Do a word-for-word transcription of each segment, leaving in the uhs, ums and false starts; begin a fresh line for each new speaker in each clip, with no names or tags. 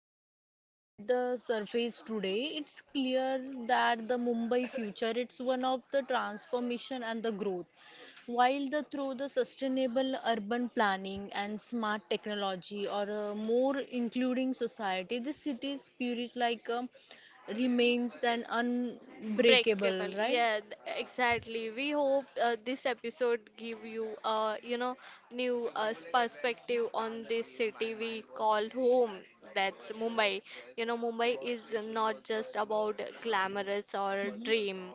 scratch that the surface today, it's clear that the Mumbai future it's one of the transformation and the growth. While the through the sustainable urban planning and smart technology or a more including society, the city's spirit like uh, remains than unbreakable,
Breakable.
right?
Yeah, th- exactly. We hope uh, this episode give you a, you know new uh, perspective on this city we call home. That's Mumbai. You know, Mumbai is not just about glamorous or
Hmm.
dream.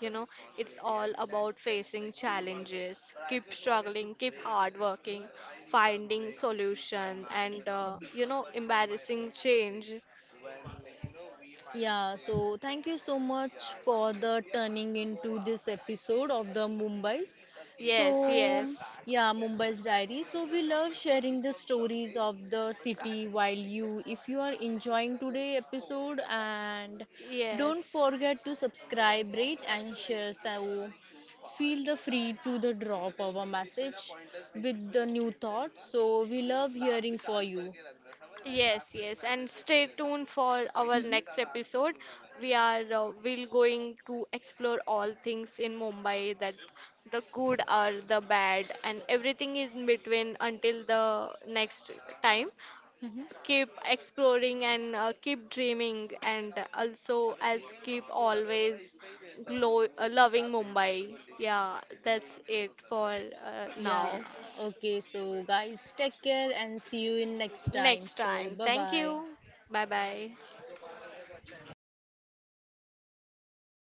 You know, it's all about facing challenges, keep struggling, keep hard working, finding solution, and uh, you know, embarrassing change.
Yeah, so thank you so
Yeah, so yes,
much for the turning into this episode of the Mumbai's. So, yeah, Mumbai's Diary. So we love sharing the stories of the city while you if you are enjoying today episode and don't
yes.
forget to subscribe, rate and share. So feel the free to the drop our message with the new thoughts. So we love hearing for you.
Yes, yes, and stay tuned for our next episode. We are uh, we'll going to explore all things in Mumbai that the good or the bad and everything in between until the next time, keep exploring and uh, keep dreaming and also as keep always glow uh, loving Mumbai. Yeah, that's it for uh,
Yeah.
now.
Okay. So, guys, take care and see you in next time.
Next
So,
time.
bye
Thank
bye.
you. Bye bye.